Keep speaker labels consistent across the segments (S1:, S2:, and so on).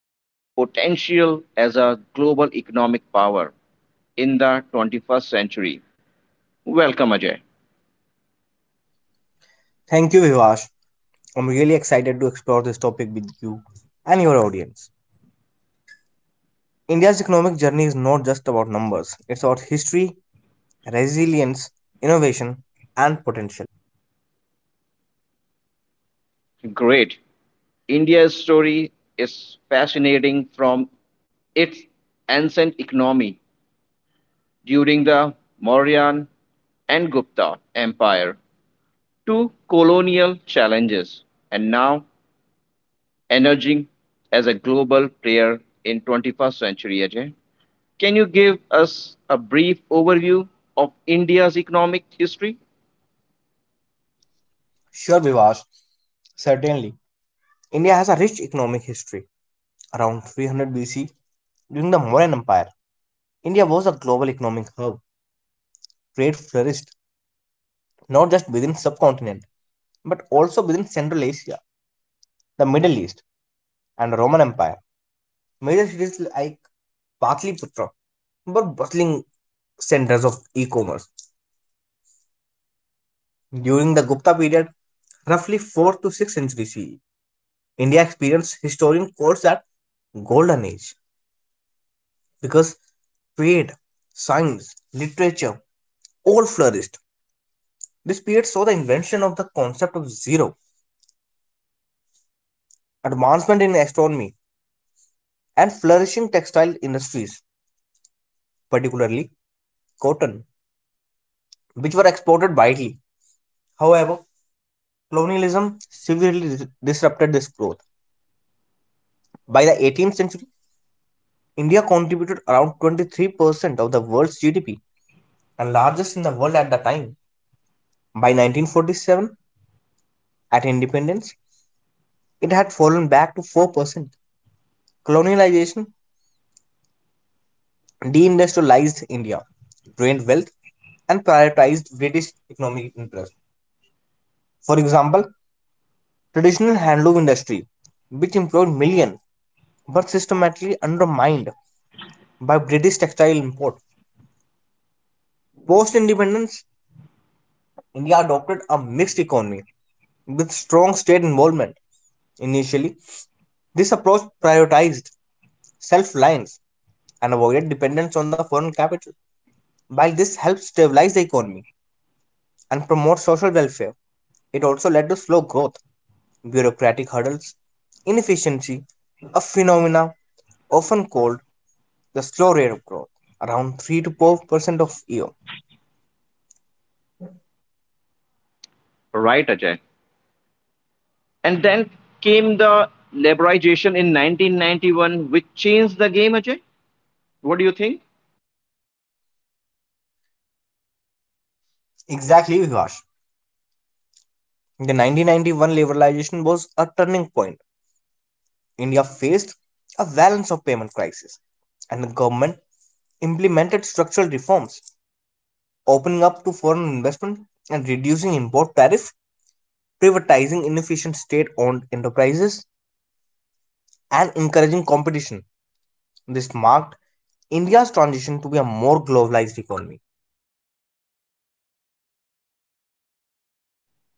S1: and potential as a global economic power in the 21st century. Welcome, Ajay.
S2: Thank you, Vivash. I'm really excited to explore this topic with you and your audience. India's economic journey is not just about numbers, it's about history, resilience, innovation, and potential.
S1: Great. India's story is fascinating from its ancient economy during the Mauryan and Gupta Empire to colonial challenges and now emerging as a global player in 21st century Ajay. Can you give us a brief overview of India's economic history?
S2: Sure, Vivash, certainly. India has a rich economic history. Around 300 BC, during the Mauryan Empire, India was a global economic hub. Trade flourished not just within subcontinent, but also within Central Asia, the Middle East, and the Roman Empire. Major cities like Patliputra were bustling centers of e-commerce. During the Gupta period, roughly 4th to 6th century CE, India experienced historian calls that golden age because trade, science, literature all flourished. This period saw the invention of the concept of zero, advancement in astronomy, and flourishing textile industries, particularly cotton, which were exported widely. However, colonialism severely disrupted this growth. By the 18th century, India contributed around 23% of the world's GDP and largest in the world at the time. By 1947, at independence, it had fallen back to 4%. Colonialization deindustrialized India, drained wealth, and prioritized British economic interests. For example, traditional handloom industry, which employed millions, but systematically undermined by British textile import. Post independence, India adopted a mixed economy with strong state involvement. Initially, this approach prioritized self reliance and avoided dependence on the foreign capital. While this helped stabilize the economy and promote social welfare, it also led to slow growth, bureaucratic hurdles, inefficiency, a phenomena often called the slow rate of growth, around 3 to 4% of year.
S1: Right, Ajay. And then came the liberalization in 1991 which changed the game, Ajay. What do you think?
S2: Exactly, Vivash. The 1991 liberalization was a turning point. India faced a balance of payment crisis, and the government implemented structural reforms opening up to foreign investment and reducing import tariffs, privatizing inefficient state owned enterprises, and encouraging competition. This marked India's transition to be a more globalized economy.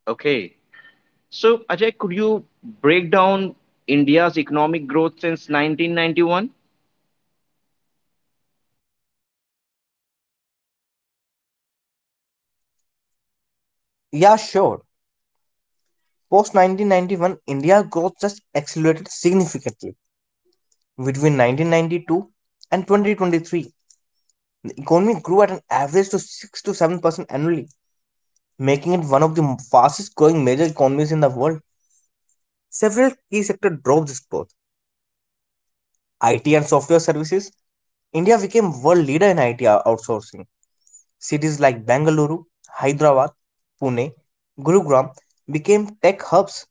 S1: Okay. So, Ajay, could you break down India's economic growth since 1991?
S2: Yeah, sure. Post 1991, India's growth just accelerated significantly. Between 1992 and 2023, the economy grew at an average to 6 to 7% annually, making it one of the fastest growing major economies in the world. Several key sectors drove this growth. IT and software services, India became world leader in IT outsourcing. Cities like Bengaluru, Hyderabad, Pune, Gurugram became tech hubs.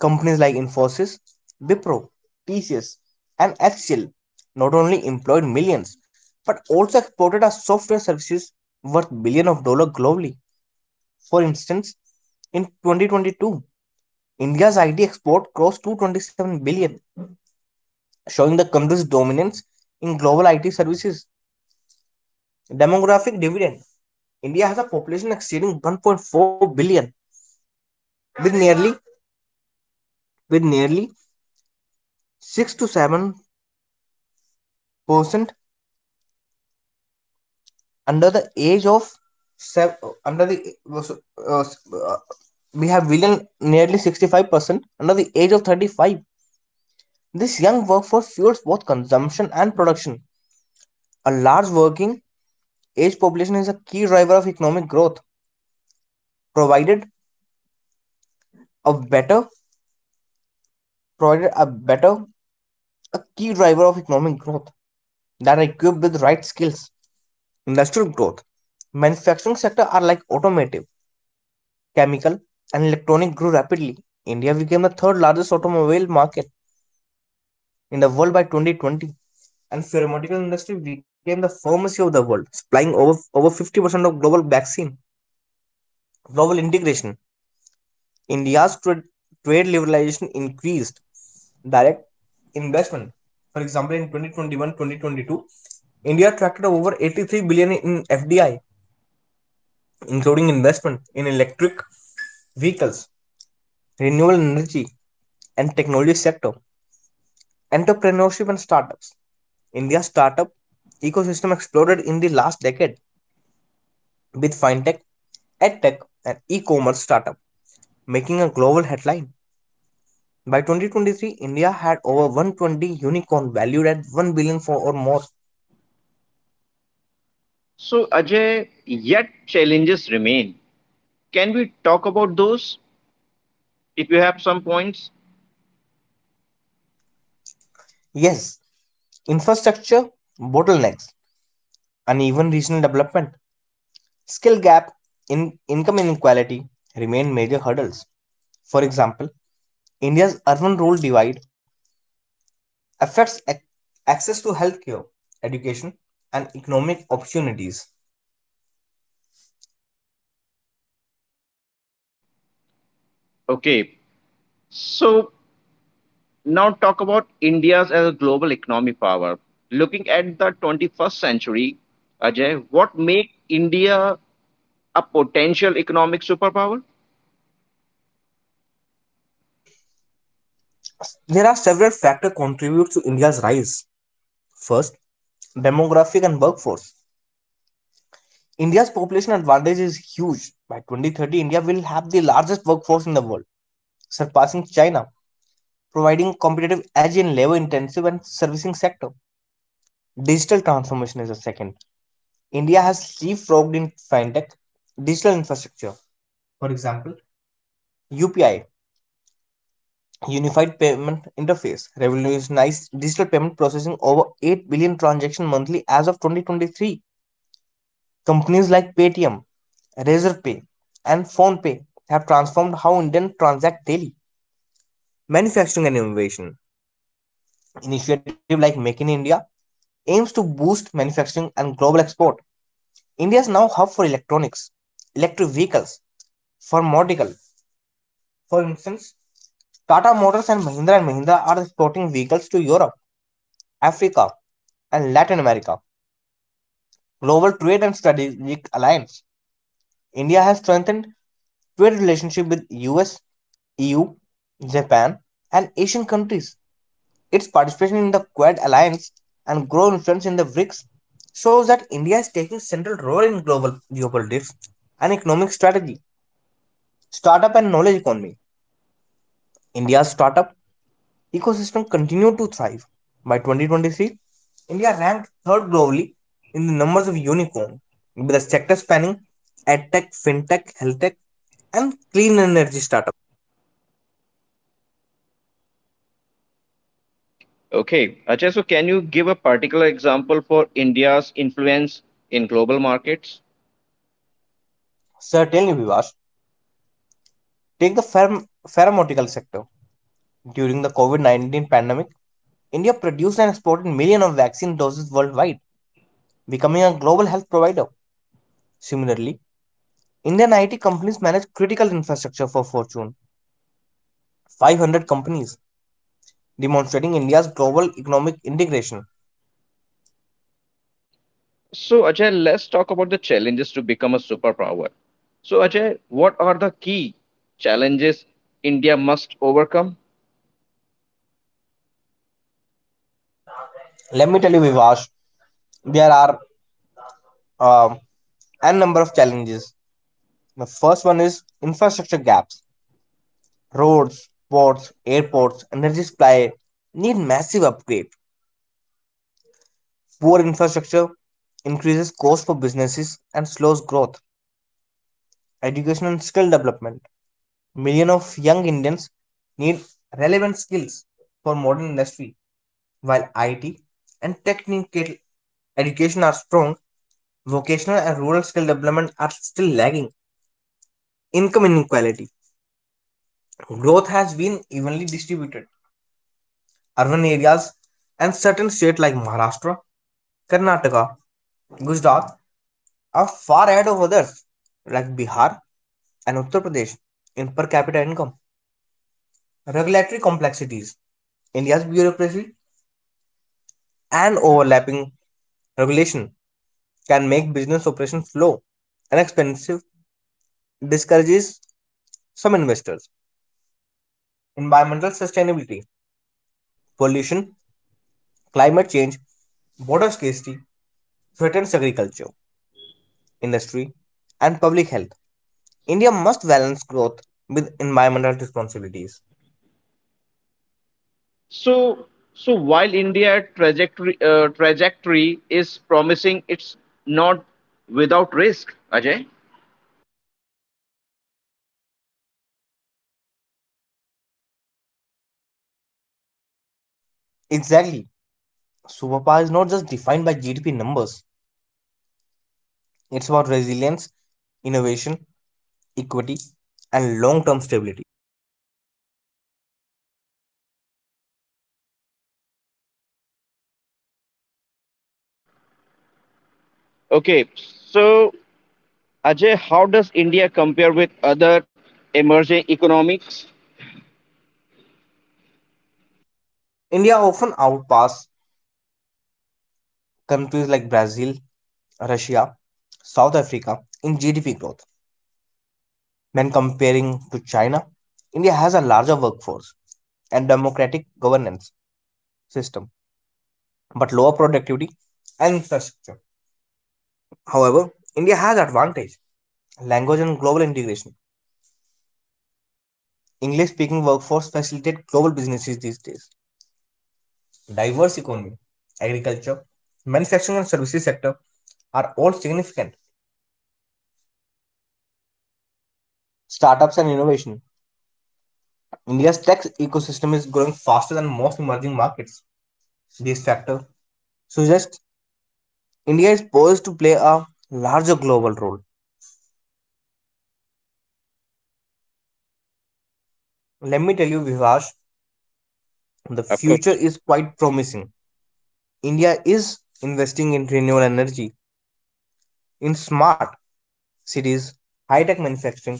S2: Companies like Infosys, Wipro, TCS, and HCL not only employed millions but also exported our software services worth billions of dollars globally. For instance, in 2022, India's IT export crossed 227 billion, showing the country's dominance in global IT services. Demographic dividend. India has a population exceeding 1.4 billion, with nearly with nearly 6 to 7% under the age of seven, under the uh, uh, we have billion nearly 65% under the age of 35. This young workforce fuels both consumption and production. A large working age population is a key driver of economic growth, provided a better provided a better a key driver of economic growth that are equipped with right skills. Industrial growth. Manufacturing sector are like automotive, chemical, and electronic grew rapidly. India became the third largest automobile market in the world by 2020, and pharmaceutical industry became the pharmacy of the world, supplying over 50% of global vaccine. Global integration. India's trade liberalization increased direct investment. For example, in 2022, India attracted over 83 billion in FDI, including investment in electric vehicles, renewable energy and technology sector, entrepreneurship and startups. India's startup ecosystem exploded in the last decade with fintech, edtech, and e-commerce startup making a global headline. By 2023, India had over 120 unicorn valued at $1 billion for or more.
S1: So, Ajay, yet challenges remain. Can we talk about those if you have some points?
S2: Yes, infrastructure bottlenecks, uneven regional development, skill gap, in income inequality remain major hurdles. For example, India's urban rural divide affects access to healthcare, education, and economic opportunities.
S1: Okay. So, now talk about India's as a global economic power. Looking at the 21st century, Ajay, what make India a potential economic superpower?
S2: There are several factors contribute to India's rise. First, demographic and workforce. India's population advantage is huge. By 2030, India will have the largest workforce in the world, surpassing China, providing competitive edge in labor-intensive and servicing sector. Digital transformation is a second. India has leapfrogged in fintech, digital infrastructure. For example, UPI Unified Payment Interface revolutionized digital payment processing over 8 billion transactions monthly as of 2023. Companies like Paytm, Razorpay, and Phonepe have transformed how Indians transact daily. Manufacturing and innovation initiative like Make in India aims to boost manufacturing and global export. India is now a hub for electronics, electric vehicles, pharmaceutical. For instance, Tata Motors and Mahindra are exporting vehicles to Europe, Africa, and Latin America. Global trade and strategic alliance. India has strengthened trade relationship with US, EU, Japan, and Asian countries. Its participation in the Quad alliance and growing influence in the BRICS shows that India is taking a central role in global geopolitics and economic strategy. Startup and knowledge economy. India's startup ecosystem continued to thrive. By 2023, India ranked third globally in the numbers of unicorns with a sector spanning edtech, fintech, healthtech, and clean energy startups.
S1: Okay, Ajay, so can you give a particular example for India's influence in global markets?
S2: Certainly, Vivash, take the pharmaceutical sector. During the COVID-19 pandemic, India produced and exported millions of vaccine doses worldwide, becoming a global health provider. Similarly, Indian IT companies manage critical infrastructure for Fortune 500 companies, demonstrating India's global economic integration.
S1: So, Ajay, let's talk about the challenges to become a superpower. So, Ajay, what are the key challenges India must overcome?
S2: Let me tell you, Vivash, there are um n number of challenges. The first one is infrastructure gaps. Roads, ports, airports, energy supply need massive upgrade. Poor infrastructure increases cost for businesses and slows growth. Education and skill development. Millions of young Indians need relevant skills for modern industry, while IT and technical education are strong, vocational and rural skill development are still lagging. Income inequality. Growth has been evenly distributed. Urban areas and certain states like Maharashtra, Karnataka, Gujarat are far ahead of others like Bihar and Uttar Pradesh in per capita income. Regulatory complexities. India's bureaucracy and overlapping regulation can make business operations slow and expensive, discourages some investors. Environmental sustainability, pollution, climate change, water scarcity threatens agriculture, industry, and public health. India must balance growth with environmental responsibilities.
S1: So, so while India trajectory trajectory is promising, it's not without risk, Ajay.
S2: Exactly. Superpower is not just defined by GDP numbers, it's about resilience, innovation, equity, and long term stability.
S1: Okay, so Ajay, how does India compare with other emerging economics?
S2: India often outpass countries like Brazil, Russia, South Africa in GDP growth. When comparing to China, India has a larger workforce and democratic governance system, but lower productivity and infrastructure. However, India has advantage language and global integration. English speaking workforce facilitate global businesses these days. Diverse economy, agriculture, manufacturing and services sector are all significant. Startups and innovation. India's tech ecosystem is growing faster than most emerging markets. These factors suggest India is poised to play a larger global role. Let me tell you, Vivash, the
S1: Of
S2: future
S1: course.
S2: is quite promising. India is investing in renewable energy, in smart cities, high tech manufacturing,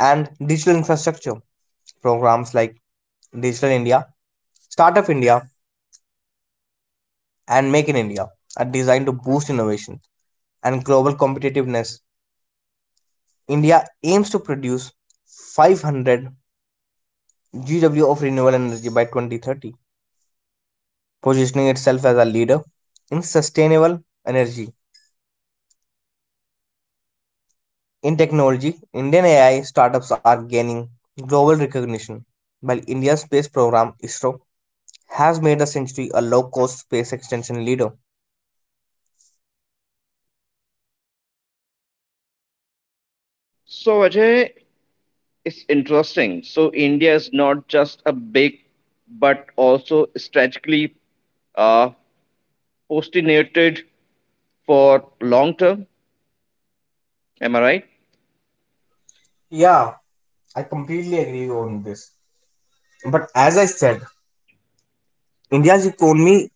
S2: and digital infrastructure. Programs like Digital India, Startup India, and Make in India are designed to boost innovation and global competitiveness. India aims to produce 500 GW of renewable energy by 2030, positioning itself as a leader in sustainable energy. In technology, Indian AI startups are gaining global recognition, while India's space program ISRO has made the Century a low cost space extension leader.
S1: So Ajay, it's interesting. So India is not just a big, but also strategically uh, postulated for long term. Am I right?
S2: Yeah, I completely agree on this. But as I said, India's economy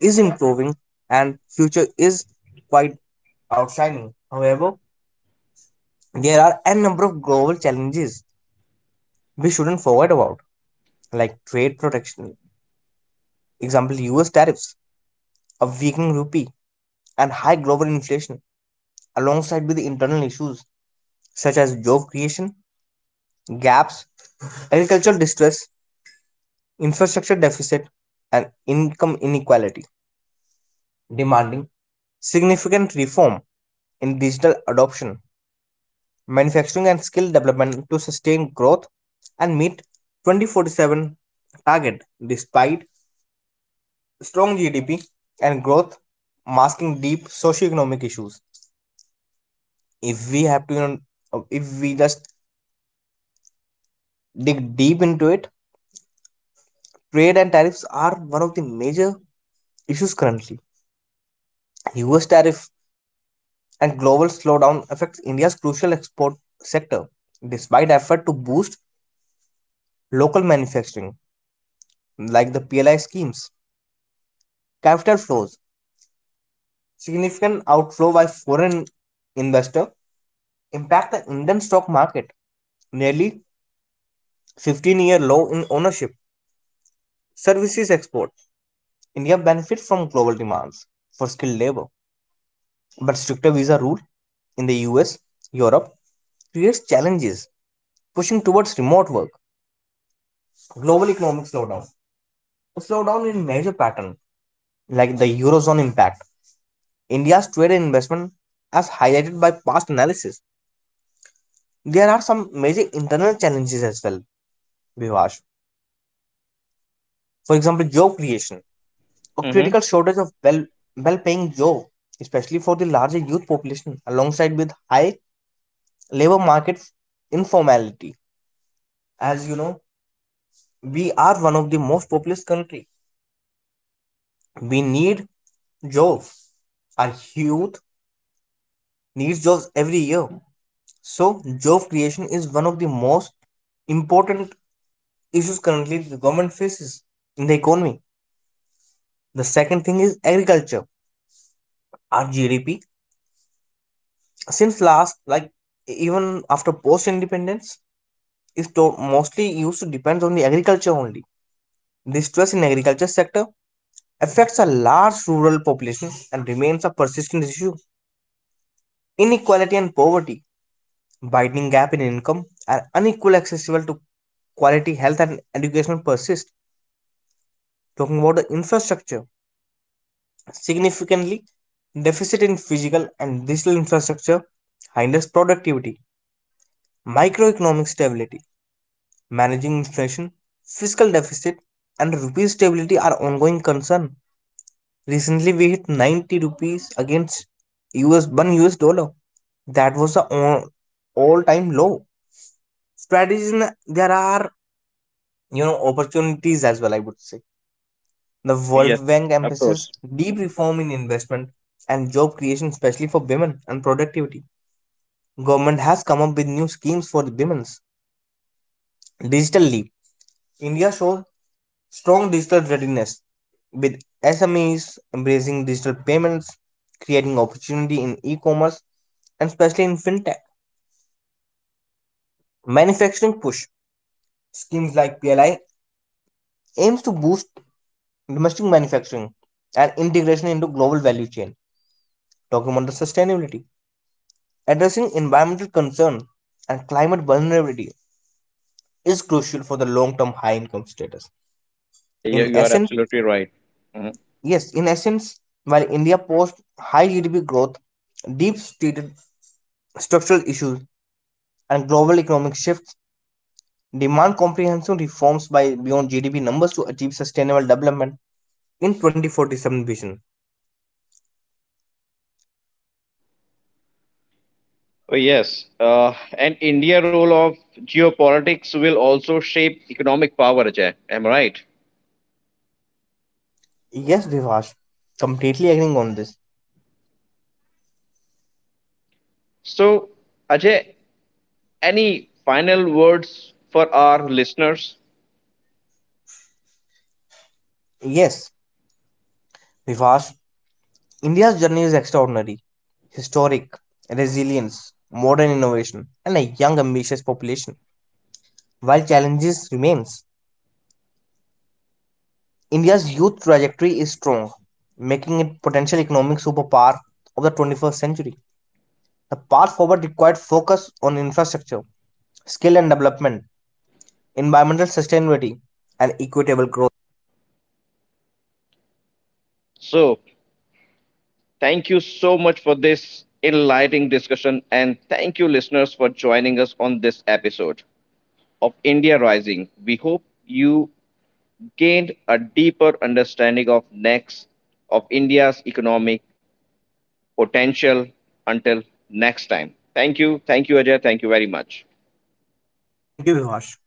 S2: is improving and future is quite outshining. However, there are a number of global challenges we shouldn't forget about, like trade protection, example US tariffs, a weakening rupee, and high global inflation, alongside with the internal issues such as job creation, gaps, agricultural distress, infrastructure deficit, and income inequality, demanding significant reform in digital adoption, manufacturing, and skill development to sustain growth and meet 2047 target despite strong GDP and growth masking deep socioeconomic issues. If we have to, if we just dig deep into it, trade and tariffs are one of the major issues currently. US tariff and global slowdown affects India's crucial export sector, despite effort to boost local manufacturing, like the PLI schemes. Capital flows, significant outflow by foreign investor, impact the Indian stock market, nearly 15-year low in ownership. Services export, India benefits from global demands for skilled labor, but stricter visa rule in the US, Europe creates challenges, pushing towards remote work. Global economic slowdown. Slowdown in major pattern like the eurozone impact India's trade and investment as highlighted by past analysis. There are some major internal challenges as well, Vivash. For example, job creation, a
S1: Mm-hmm.
S2: critical shortage of well paying jobs, especially for the larger youth population alongside with high labor market informality. As you know, we are one of the most populous country, we need jobs, our youth needs jobs every year. So, job creation is one of the most important issues currently the government faces in the economy. The second thing is agriculture. Our GDP, since last, like even after post independence, is mostly used to depends on the agriculture only. The stress in agriculture sector affects a large rural population and remains a persistent issue. Inequality and poverty, widening gap in income, and unequal accessible to quality health and education persist. Talking about the infrastructure, significantly deficit in physical and digital infrastructure hinders productivity, microeconomic stability, managing inflation, fiscal deficit, and rupee stability are ongoing concern. Recently, we hit 90 rupees against US 1 US dollar. That was the all time low. Strategies, and there are opportunities as well. I would say the
S1: Yes,
S2: World Bank
S1: of
S2: emphasizes
S1: course.
S2: deep reform in investment and job creation, especially for women and productivity. Government has come up with new schemes for the women. Digital leap. India shows strong digital readiness with SMEs embracing digital payments, creating opportunity in e-commerce and especially in fintech. Manufacturing push. Schemes like PLI aims to boost domestic manufacturing and integration into global value chain. Talking about the sustainability. Addressing environmental concern and climate vulnerability is crucial for the long-term high income status.
S1: Yeah, yeah,
S2: In
S1: you are
S2: essence,
S1: absolutely right. Mhm.
S2: yes, in essence, while India posts high GDP growth, deep-seated structural issues and global economic shifts demand comprehensive reforms by beyond GDP numbers to achieve sustainable development in 2047 vision.
S1: Oh, yes, and India role of geopolitics will also shape economic power, Ajay. Am I right?
S2: Yes, Vivash, completely agreeing on this.
S1: So, Ajay, any final words for our listeners?
S2: Yes, Vivash, India's journey is extraordinary, historic, resilience, modern innovation, and a young ambitious population. While challenges remains, India's youth trajectory is strong, making it potential economic superpower of the 21st century. The path forward required focus on infrastructure, skill and development, environmental sustainability, and equitable growth.
S1: So, thank you so much for this enlightening discussion, and thank you, listeners, for joining us on this episode of India Rising. We hope you gained a deeper understanding of next of India's economic potential. Until next time, thank you, Ajay, thank you very much.
S2: Thank you, Vihash.